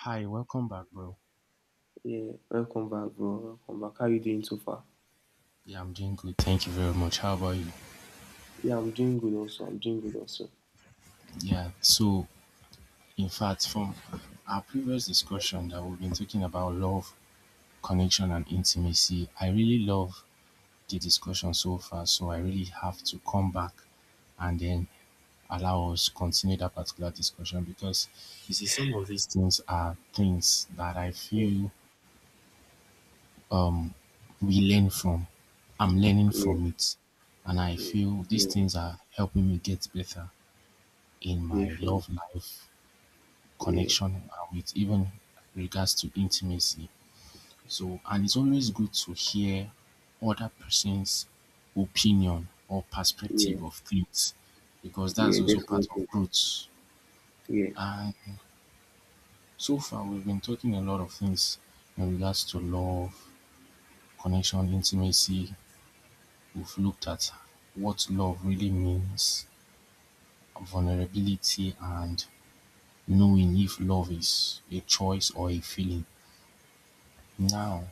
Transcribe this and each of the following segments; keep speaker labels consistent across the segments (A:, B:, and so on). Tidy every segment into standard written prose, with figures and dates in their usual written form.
A: Hi, welcome back, bro.
B: Yeah, welcome back, bro. Welcome back. How you doing so far?
A: Yeah, I'm doing good. Thank you very much. How about you?
B: Yeah, I'm doing good also. I'm doing good also.
A: Yeah, so in fact, from our previous discussion that we've been talking about love, connection, and intimacy, I really love the discussion so far. So I really have to come back and then allow us continue that particular discussion because you see, some of these things are things that I
B: Yeah,
A: feel um we learn from. I'm learning
B: yeah,
A: from it, and I
B: yeah,
A: feel these
B: yeah,
A: things are helping me get better in my
B: definitely.
A: love life,
B: Yeah,
A: connection, and with even regards to intimacy. So, and it's always good to hear other person's opinion or
B: yeah,
A: perspective of things because
B: yeah,
A: that's also part
B: definitely.
A: of growth.
B: Yeah,
A: And so far, we've been talking a lot of things in regards to love, connection, intimacy. We've looked at what love really means, vulnerability, and knowing if love is a choice or a feeling. Now,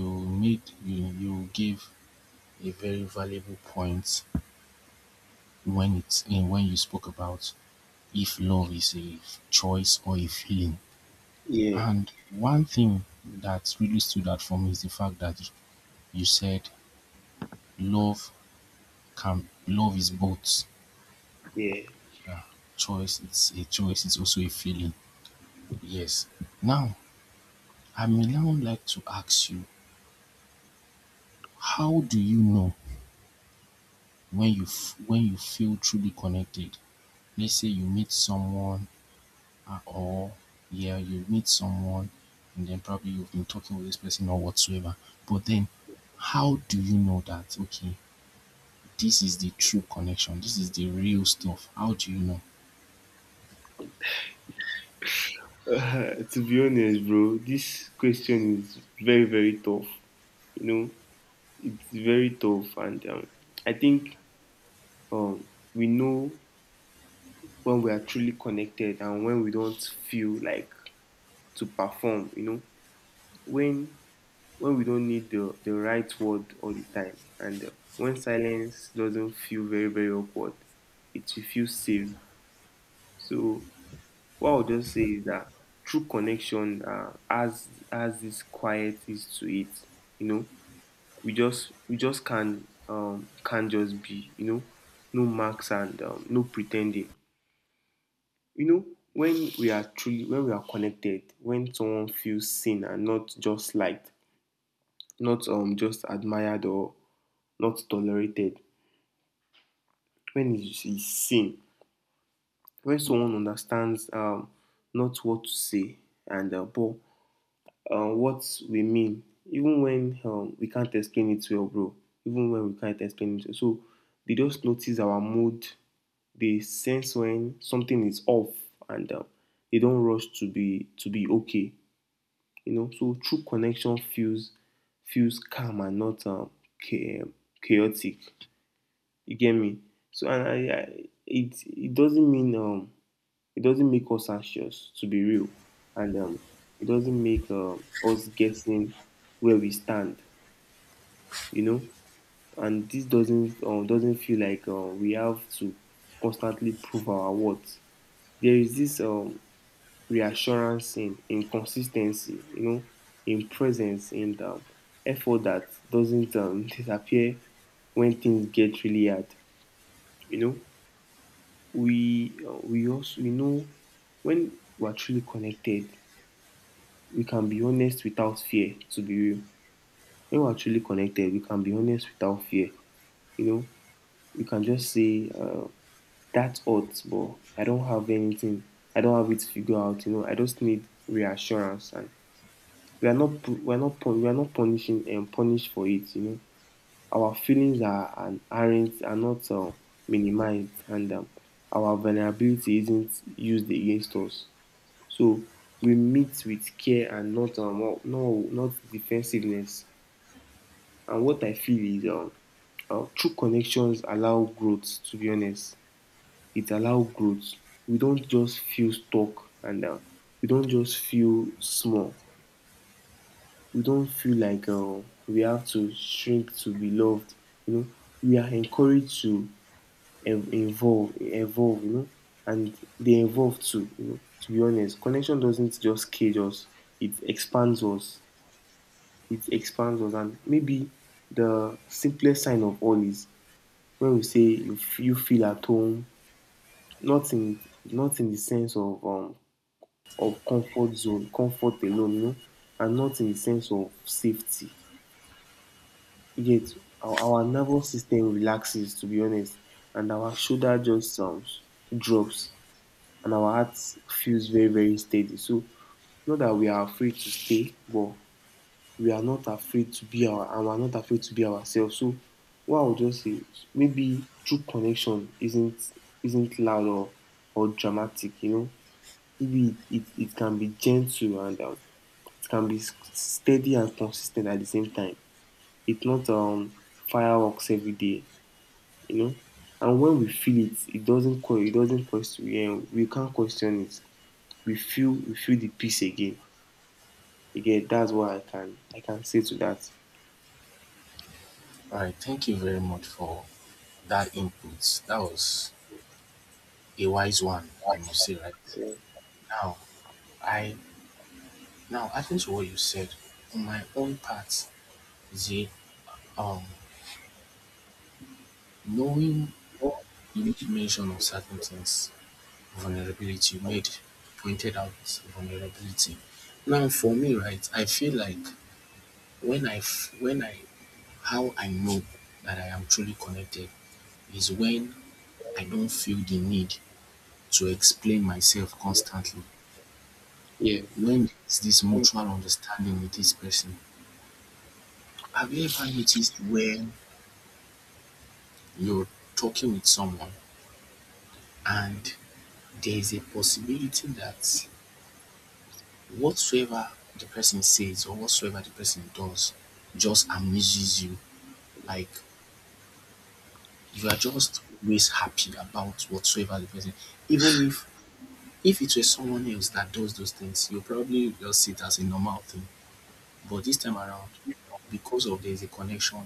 A: you made you you gave a very valuable point when it's in when you spoke about if love is a choice or a feeling.
B: yeah,
A: And one thing that really stood out for me is the fact that you said love love is both
B: yeah.
A: uh, choice. It's a choice. It's also a feeling. Yes. Now, I may now like to ask you, how do you know when you feel truly connected, let's say you meet someone, uh, or yeah, you meet someone and then probably you've been talking with this person or whatsoever. But then how do you know that okay, this is the true connection, this is the real stuff? How do you know?
B: To be honest, bro, this question is very, very tough. You know, it's very tough, and I think um, we know when we are truly connected and when we don't feel like to perform. You know, when when we don't need the right word all the time, and when silence doesn't feel very, very awkward, it will feel safe. So what I'll just say is that true connection has this quiet is to it, you know. We just can just be, you know, no marks and no pretending, you know. When we are connected, when someone feels seen and not just liked, not just admired or not tolerated, when it's seen, when someone understands, not what to say, and but what we mean, even when we can't explain it well, bro. Even when we can't explain it, well. So they just notice our mood. They sense when something is off, and they don't rush to be okay. You know, so true connection feels calm and not chaotic. You get me? So and I it it doesn't mean, it doesn't make us anxious to be real, and it doesn't make us guessing where we stand, you know. And this doesn't feel like we have to constantly prove our worth. There is this reassurance in consistency, you know, in presence, in effort that doesn't disappear when things get really hard, you know. We also we know, when we're truly connected, we can be honest without fear, to be real. When we're truly connected, we can be honest without fear. You know, we can just say, that's odd, but I don't have anything. I don't have it figured out. You know, I just need reassurance, and we are not we are not we are not punishing and punished for it. You know, our feelings are not minimized, and our vulnerability isn't used against us. So we meet with care and not defensiveness. And what I feel is true connections allow growth, to be honest. It allows growth. We don't just feel stuck, and we don't just feel small. We don't feel like we have to shrink to be loved. You know, we are encouraged to evolve, you know, and they evolve too, you know. To be honest, connection doesn't just cage us, it expands us. It expands us. And maybe the simplest sign of all is when we say, you feel at home, not in, not in the sense of, of comfort zone, comfort alone, you know, and not in the sense of safety. Yet our nervous system relaxes, to be honest, and our shoulder just drops, and our heart feels very, very steady. So not that we are afraid to stay, but we are not afraid to be ourselves. So what I would just say, maybe true connection isn't loud or dramatic, you know. Maybe it can be gentle, and it can be steady and consistent at the same time. It's not fireworks every day, you know. And when we feel it, it doesn't que- it doesn't question. Yeah, we can't question it. We feel the peace again. Again, that's what I can say to that.
A: All right, thank you very much for that input. That was a wise one, I must say, right? Now, I, now adding to what you said, on my own part, the um knowing, you make mention of certain things, vulnerability, you made pointed out vulnerability. Now for me, right, I feel like when I when I how I know that I am truly connected is when I don't feel the need to explain myself constantly, when there's this mutual understanding with this person. Have you ever noticed when you're talking with someone and there's a possibility that whatsoever the person says or whatsoever the person does just amuses you? Like you are just always happy about whatsoever the person, even if it was someone else that does those things, you probably just see it as a normal thing. But this time around, because of there's a connection,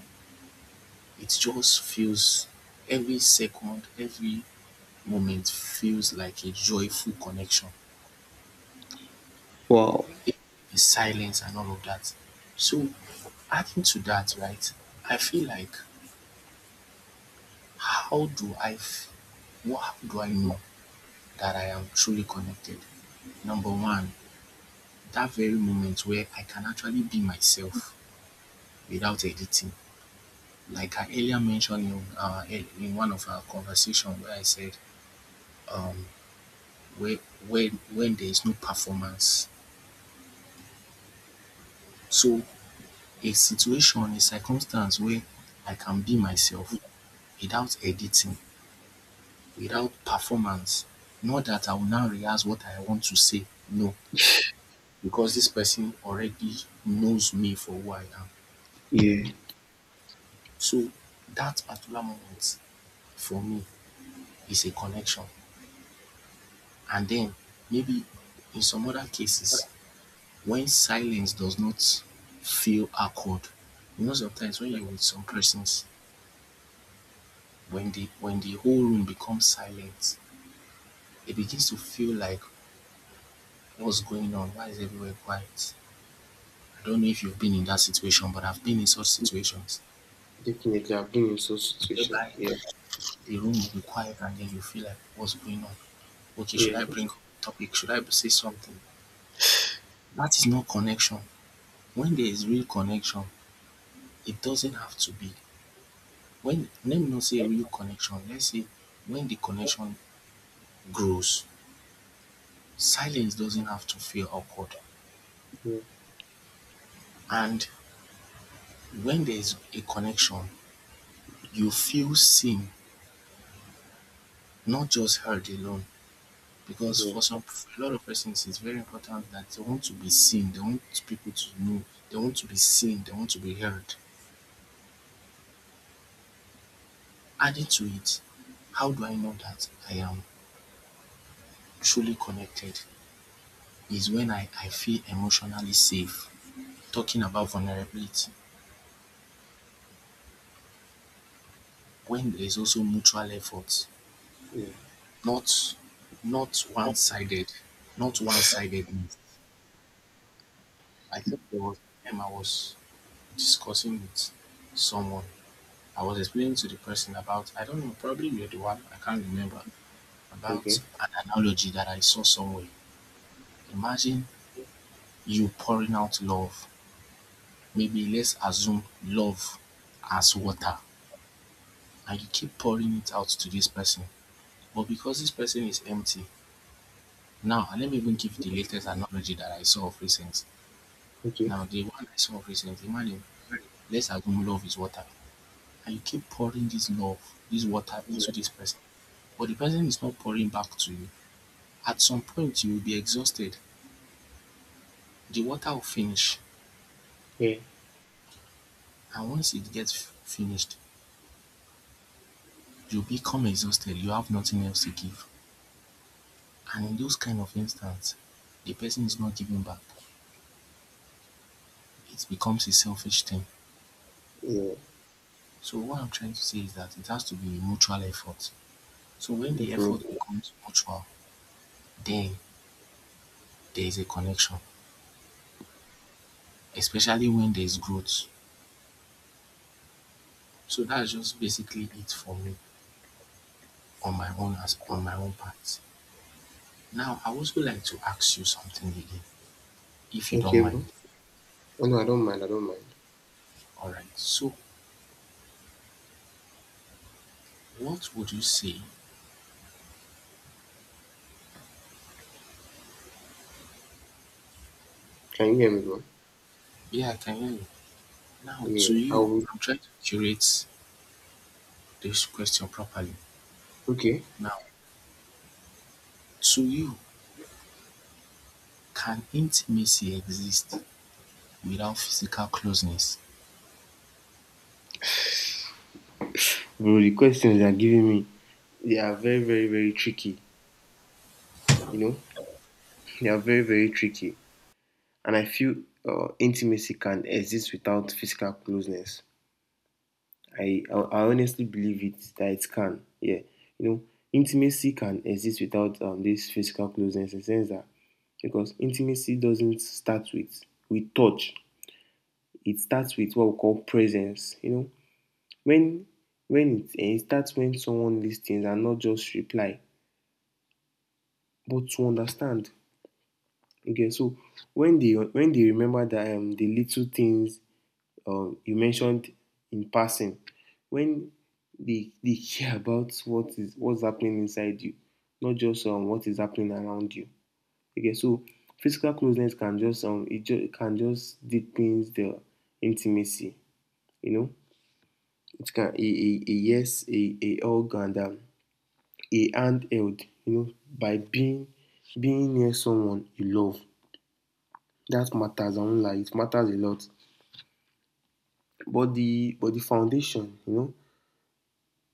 A: it just feels every second, every moment feels like a joyful connection.
B: Wow.
A: The silence and all of that. So adding to that, right, I feel like How do I f- what do I know that I am truly connected? Number one, that very moment where I can actually be myself without editing. Like I earlier mentioned in, in one of our conversation where I said, um, where, when there is no performance. So a situation, a circumstance where I can be myself without editing, without performance. Not that I will now rehearse what I want to say. No, because this person already knows me for who I am.
B: Yeah,
A: So that particular moment for me is a connection. And then maybe in some other cases, when silence does not feel awkward, you know sometimes when you're with some persons, when the whole room becomes silent, it begins to feel like what's going on? Why is everywhere quiet? I don't know if you've been in that situation, but I've been in such situations
B: definitely. I've been in such situations.
A: whereby
B: Yeah,
A: the room will be quiet and then you feel like what's going on? Okay, should
B: yeah,
A: I bring up topic? Should I say something? That is not connection. When there is real connection, it doesn't have to be when let me not say real connection, let's say when the connection grows, silence doesn't have to feel awkward.
B: yeah,
A: And when there is a connection, you feel seen, not just heard alone. Because
B: yeah,
A: for some, a lot of persons, it's very important that they want to be seen, they want people to know, they want to be seen, they want to be heard. Added to it, how do I know that I am truly connected is when I feel emotionally safe. Talking about vulnerability, when there is also mutual effort,
B: yeah.
A: not, not one-sided, not one-sidedness. I think there was a time I was discussing with someone. I was explaining to the person about, I don't know, probably you're the one, I can't remember, about
B: Okay,
A: an analogy that I saw somewhere. Imagine you pouring out love, maybe let's assume love as water, and you keep pouring it out to this person. But because this person is empty, now, and let me even give the latest analogy that I saw of recent.
B: okay.
A: Now the one I saw of recent, imagine, let's assume love is water and you keep pouring this love, this water into this person, but the person is not pouring back to you. At some point you will be exhausted. The water will finish,
B: Yeah,
A: and once it gets finished, you become exhausted. You have nothing else to give. And in those kind of instances, the person is not giving back. It becomes a selfish thing.
B: yeah,
A: So what I'm trying to say is that it has to be a mutual effort. So when the effort
B: definitely.
A: becomes mutual, then there is a connection, especially when there is growth. So that's just basically it for me on my own, as on my own part. Now I also like to ask you something again, if you don't
B: Okay, bro.
A: mind.
B: Oh, no, I don't mind. I don't mind.
A: Alright, so what would you say?
B: Can you hear me, bro?
A: Yeah, I can hear you. Now
B: Yeah,
A: to
B: I
A: you,
B: will.
A: I'm trying to curate this question properly.
B: Okay.
A: Now, to you, can intimacy exist without physical closeness?
B: Bro, the questions they are giving me, they are very, very, very tricky. You know, they are very, very tricky. And I feel intimacy can exist without physical closeness. I honestly believe it that it can. Yeah, you know, intimacy can exist without this physical closeness. In the sense that because intimacy doesn't start with touch, it starts with what we call presence. You know, when when it starts when someone listens and not just reply, but to understand. Okay, so when they remember that the little things you mentioned in passing, when they care about what's happening inside you, not just what is happening around you. Okay, so physical closeness can just, it can just deepens the intimacy, you know. It can a hug and a hand held, you know, by being near someone you love. That matters, I won't lie, it matters a lot. But the but the foundation, you know,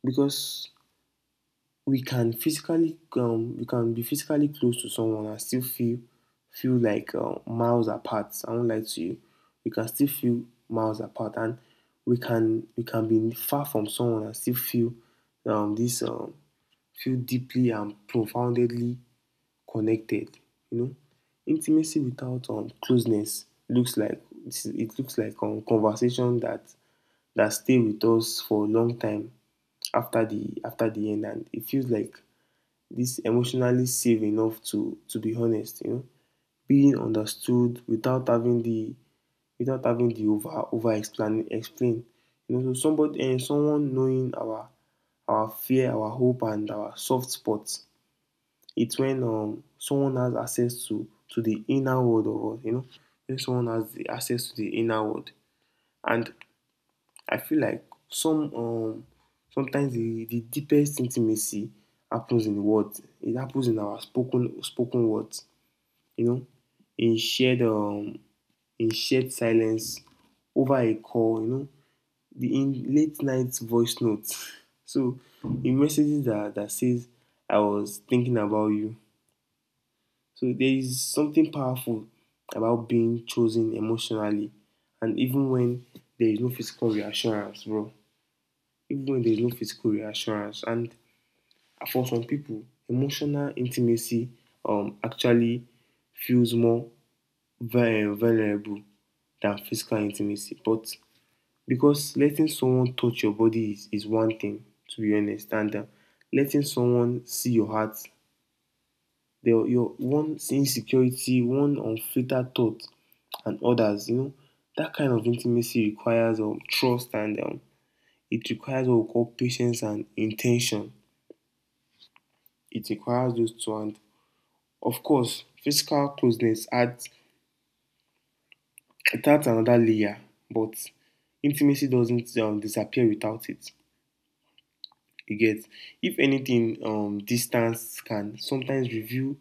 B: because we can be physically close to someone and still feel like, miles apart. I won't lie to you. We can still feel miles apart, and we can be far from someone and still um, this um, feel deeply and profoundly connected, you know. Intimacy without closeness looks like conversation that stay with us for a long time, after the end, and it feels like this emotionally safe enough to be honest, you know. Being understood, without having the over explain. You know, so somebody and someone knowing our fear, our hope, and our soft spots. It's when someone has access to the inner world of us, you know, when someone has the access to the inner world. And I feel like some um, sometimes the deepest intimacy happens in words. It happens in our spoken words, you know, in shared, in shared silence over a call, you know, the in late night voice notes. So in messages that says, I was thinking about you. So there is something powerful about being chosen emotionally, and even when there is no physical reassurance, bro. Even when there is no physical reassurance. And for some people, emotional intimacy actually feels more vulnerable than physical intimacy. But because letting someone touch your body is one thing, to be honest, and letting someone see your heart, your one's insecurity, one unfiltered thought, and others. You know, that kind of intimacy requires trust, and it requires what we call patience and intention. It requires those two, and of course, physical closeness adds, it adds another layer, but intimacy doesn't disappear without it. You get? If anything, distance can sometimes reveal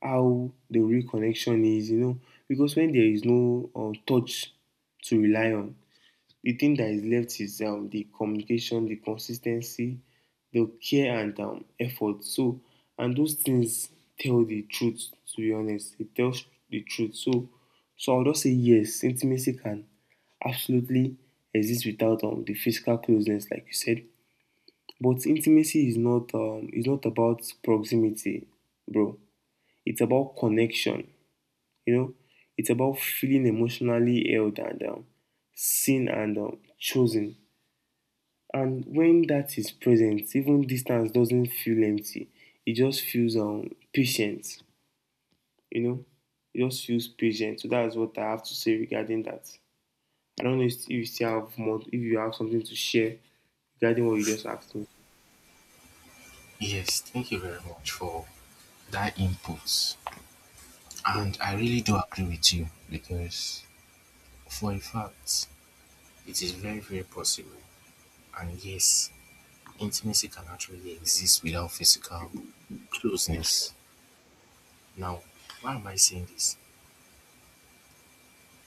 B: how the real connection is, you know, because when there is no touch to rely on, the thing that is left is the communication, the consistency, the care, and effort. So, and those things tell the truth, to be honest. It tells the truth. So, so I'll just say yes, intimacy can absolutely exist without the physical closeness, like you said. But intimacy is not about proximity, bro. It's about connection. You know, it's about feeling emotionally held, and seen, and chosen. And when that is present, even distance doesn't feel empty. It just feels patient. You know, it just feels patient. So that's what I have to say regarding that. I don't know if you still have more, if you have something to share regarding what you just asked me.
A: Yes, thank you very much for that input.
B: Yeah,
A: And I really do agree with you because, for a fact, it is very, very possible. And yes, intimacy can actually exist without physical closeness. Now, why am I saying this?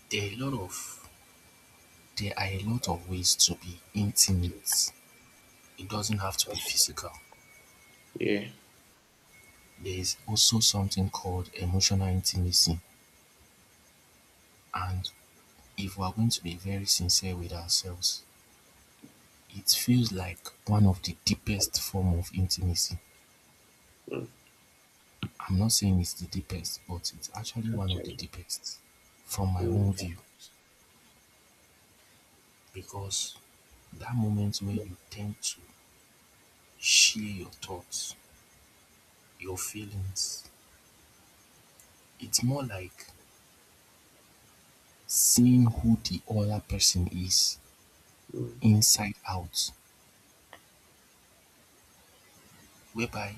A: There are a lot of there are a lot of ways to be intimate. It doesn't have to be physical.
B: yeah,
A: There is also something called emotional intimacy, and if we are going to be very sincere with ourselves, it feels like one of the deepest form of intimacy.
B: mm,
A: I'm not saying it's the deepest, but it's actually one of the
B: actually.
A: deepest from my own
B: Mm.
A: view, because that moment where you tend to share your thoughts, your feelings, it's more like seeing who the other person is
B: Mm.
A: inside out, whereby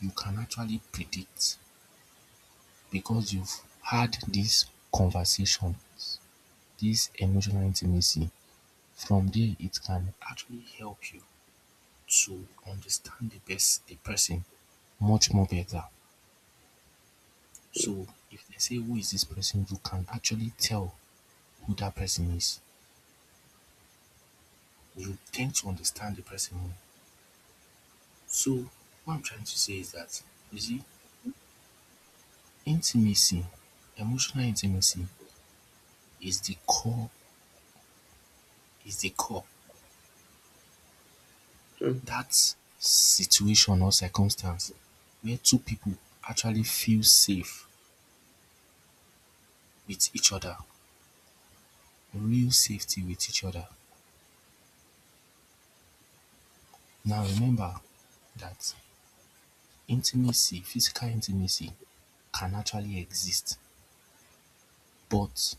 A: you can actually predict because you've had this conversation, this emotional intimacy. From there, it can actually help you to understand the best the person much more better. So if they say who is this person, you can actually tell who that person is. You tend to understand the person more. So what I'm trying to say is that you see, intimacy, emotional intimacy is the core, is the core,
B: Mm.
A: that situation or circumstance where two people actually feel safe with each other, real safety with each other. Now remember that intimacy, physical intimacy can actually exist, but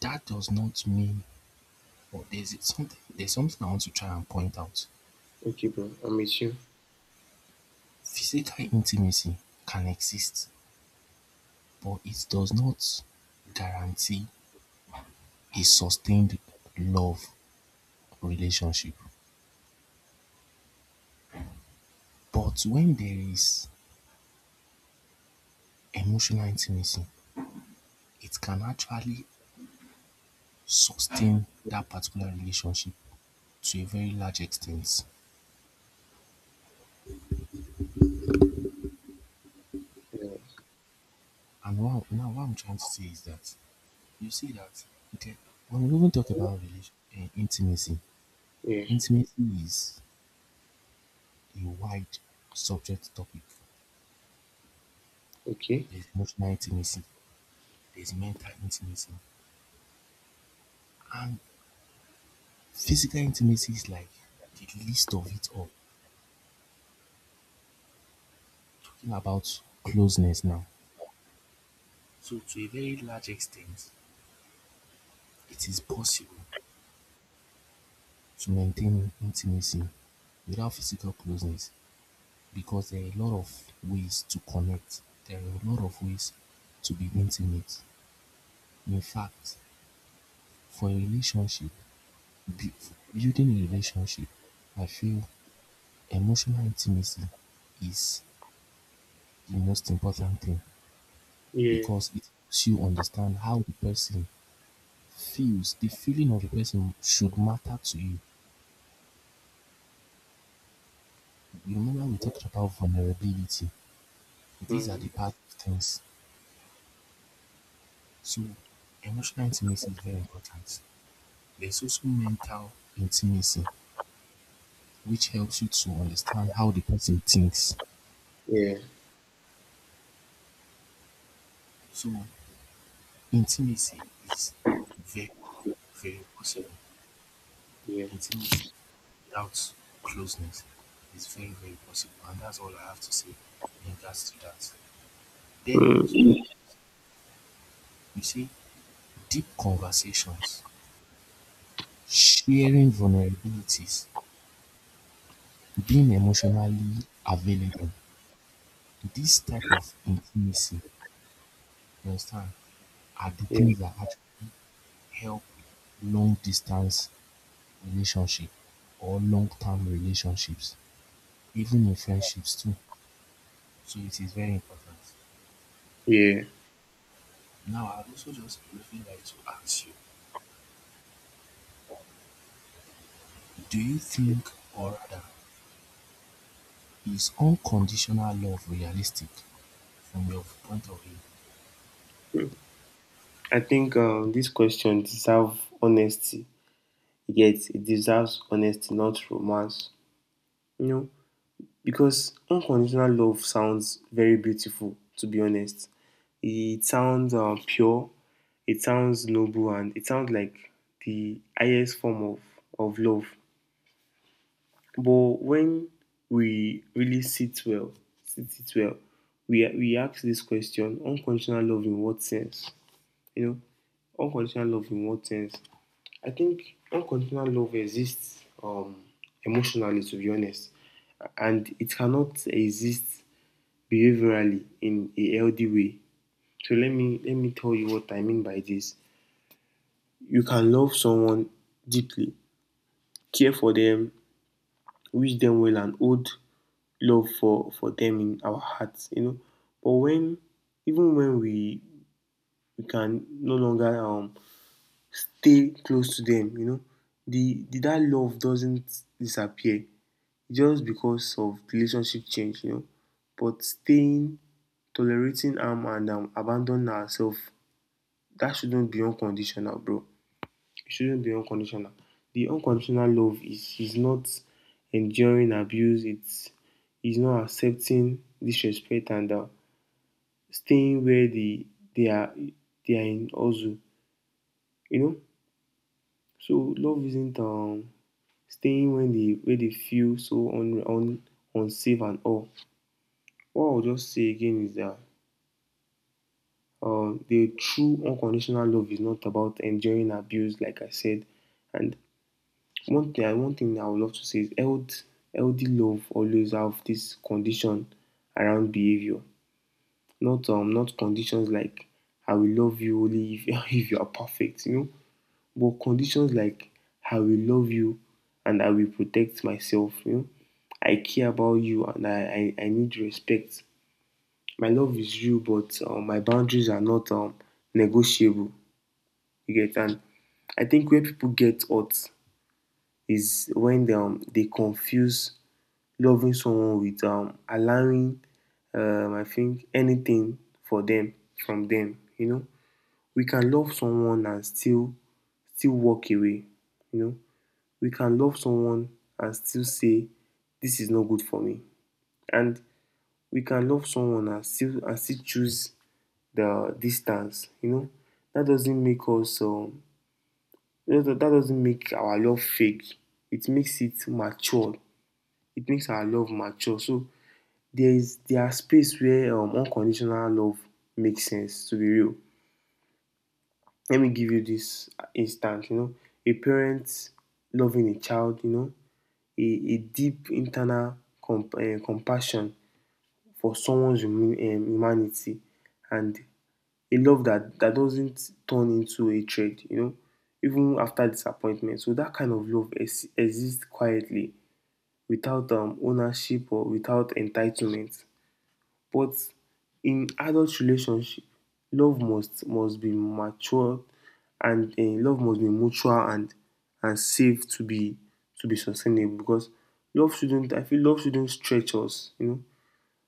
A: that does not mean, or there's something I want to try and point out.
B: Okay, bro. I'm with you.
A: Physical intimacy can exist, but it does not guarantee a sustained love relationship. But when there is emotional intimacy, it can actually sustain that particular relationship to a very large extent.
B: Yeah.
A: And what, now what I'm trying to say is that you see that okay, when we even talk about intimacy,
B: Yeah.
A: intimacy is a wide subject topic.
B: Okay.
A: There's emotional intimacy, there's mental intimacy, and physical intimacy is like the least of it all. Talking about closeness now. So to a very large extent, it is possible to maintain intimacy without physical closeness because there are a lot of ways to connect, there are a lot of ways to be intimate. In fact, for a relationship, building a relationship, I feel emotional intimacy is the most important thing
B: Yeah.
A: because it helps you understand how the person feels. The feeling of the person should matter to you. Remember, we talked about vulnerability. These are
B: Mm.
A: the bad things. So emotional intimacy is very important. There's also mental intimacy, which helps you to understand how the person thinks.
B: Yeah.
A: So intimacy is very, very possible.
B: Yeah.
A: Intimacy without closeness is very, very possible. And that's all I have to say in regards to that. Then I also
B: Mm.
A: like, you see, deep conversations, sharing vulnerabilities, being emotionally available. This type of intimacy, you understand, are the
B: Yeah.
A: things that actually help long distance relationship or long term relationships, even in friendships too. So it is very important.
B: Yeah.
A: Now, I'd also just briefly like to ask you, do you think, or rather, is unconditional love realistic from your point of view?
B: I think this question deserves honesty. Yet it deserves honesty, not romance. You know, because unconditional love sounds very beautiful. To be honest, it sounds pure. It sounds noble, and it sounds like the highest form of love. But when we really sit well, sit it well, we ask this question: unconditional love in what sense? You know, unconditional love in what sense? I think unconditional love exists, emotionally, to be honest, and it cannot exist behaviorally in a healthy way. So let me tell you what I mean by this. You can love someone deeply, care for them, wish them well, and hold love for them in our hearts, you know. But when even when we can no longer stay close to them, you know, the that love doesn't disappear just because of relationship change, you know. But staying, tolerating, am and abandoning ourselves, that shouldn't be unconditional, bro, it shouldn't be unconditional. The unconditional love is not enduring abuse. It's is not accepting disrespect and staying where they are they are in also. You know, so love isn't staying when they where they feel so un, un unsafe and all. What I'll just say again is that the true unconditional love is not about enduring abuse, like I said, and one thing I would love to say is healthy love always have this condition around behavior. Not not conditions like I will love you only if if you are perfect, you know. But conditions like I will love you and I will protect myself, you know. I care about you and I need respect. My love is you, but my boundaries are not negotiable. You get? And I think where people get hurt is when they confuse loving someone with allowing, I think, anything for them from them. You know, we can love someone and still walk away. You know, we can love someone and still say this is not good for me, and we can love someone and still choose the distance. You know, that doesn't make us um, that doesn't make our love fake. It makes it matured it makes our love mature. So there are space where unconditional love makes sense. To be real, let me give you this instance. You know, a parent loving a child. You know, a deep internal compassion for someone's humanity and a love that doesn't turn into a hatred. You know, even after disappointment. So that kind of love exists quietly without ownership or without entitlement. But in adult relationship, love must be mature and love must be mutual and safe to be sustainable because love shouldn't I feel love shouldn't stretch us, you know.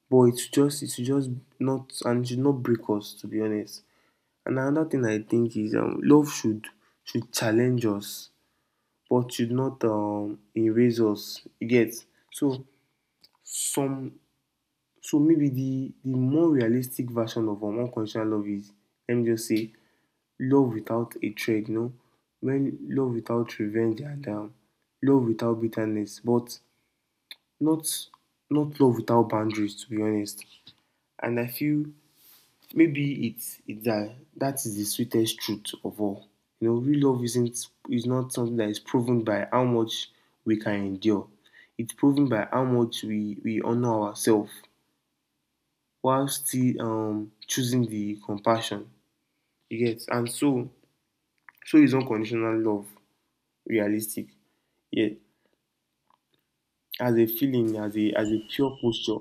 B: But it's just not, and it should not break us, to be honest. And another thing I think is love should challenge us but should not erase us, you get. So some so maybe the more realistic version of unconditional love is, let me just say, love without hatred, you know, when love without revenge and love without bitterness, but not not love without boundaries, to be honest. And I feel maybe it's that is the sweetest truth of all. You know, real love isn't is not something that is proven by how much we can endure. It's proven by how much we honor ourselves while still choosing the compassion, you get. And so is unconditional love realistic? Yeah, as a feeling, as a pure posture,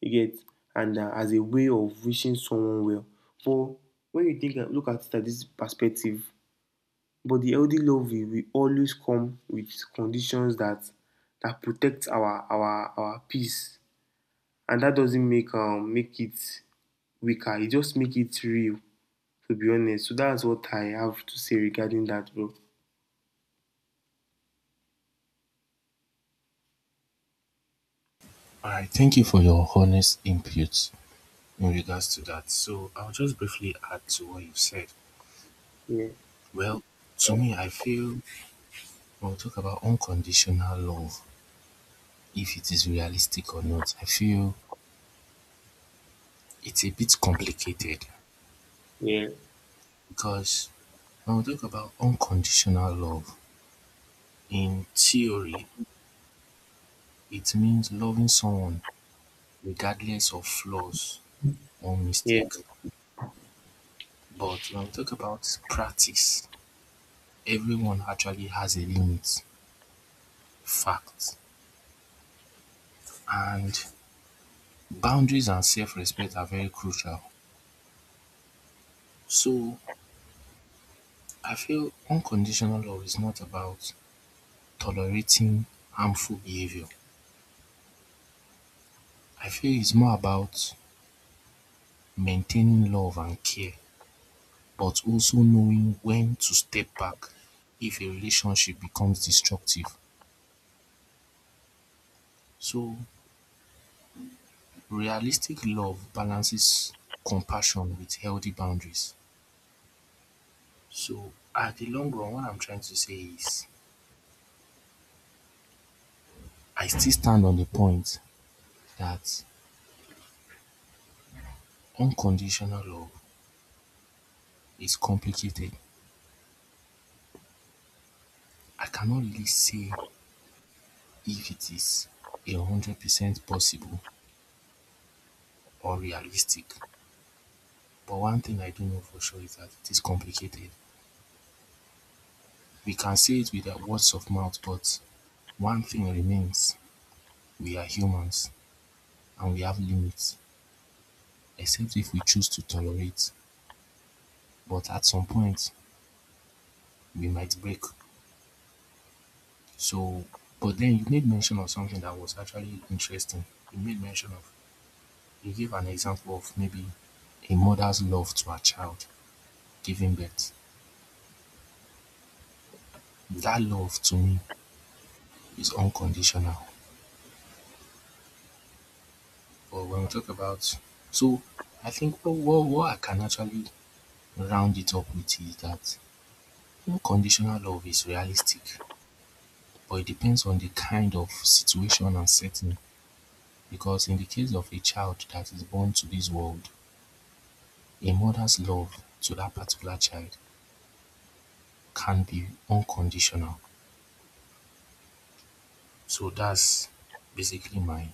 B: you get, and as a way of wishing someone well. But when you think look at it at this perspective, but the healthy love will always come with conditions that protect our peace, and that doesn't make it weaker. It just make it real, to be honest. So that's what I have to say regarding that, bro.
A: Alright, thank you for your honest input in regards to that. So I'll just briefly add to what you've said.
B: Yeah,
A: Well, to me, I feel we'll talk about unconditional love, if it is realistic or not. I feel it's a bit complicated
B: yeah,
A: because when we talk about unconditional love, in theory, it means loving someone regardless of flaws or
B: yeah,
A: mistake. But when we talk about practice, everyone actually has a limit, fact. And boundaries and self respect are very crucial. So I feel unconditional love is not about tolerating harmful behavior. I feel it's more about maintaining love and care, but also knowing when to step back if a relationship becomes destructive. So, realistic love balances compassion with healthy boundaries. So, at the long run, what I'm trying to say is I still stand on the point that unconditional love is complicated. I cannot really say if it is 100% possible or realistic. But one thing I do know for sure is that it is complicated. We can say it with the words of mouth, but one thing remains, we are humans and we have limits, except if we choose to tolerate. But at some point, we might break. So, but then you made mention of something that was actually interesting. You made mention of, you gave an example of maybe a mother's love to her child giving birth. That love to me is unconditional. But when we talk about, so I think what I can actually round it up with is that unconditional love is realistic, but it depends on the kind of situation and setting. Because in the case of a child that is born to this world, a mother's love to that particular child can be unconditional. So that's basically my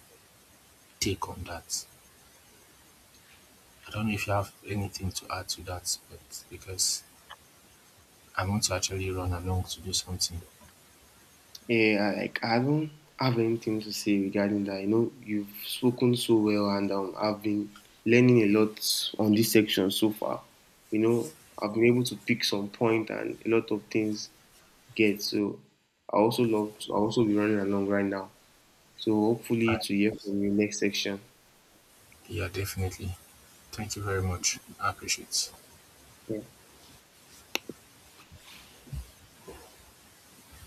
A: take on that. I don't know if you have anything to add to that, but because I want to actually run along to do something.
B: yeah. I- Like I don't have anything to say regarding that. You know, you've spoken so well, and I've been learning a lot on this section so far. You know, I've been able to pick some point and a lot of things get. So I also love. To, I also be running along right now. So
A: All
B: hopefully
A: right.
B: to hear from you next section.
A: Yeah, definitely. Thank you very much. I appreciate it.
B: Yeah.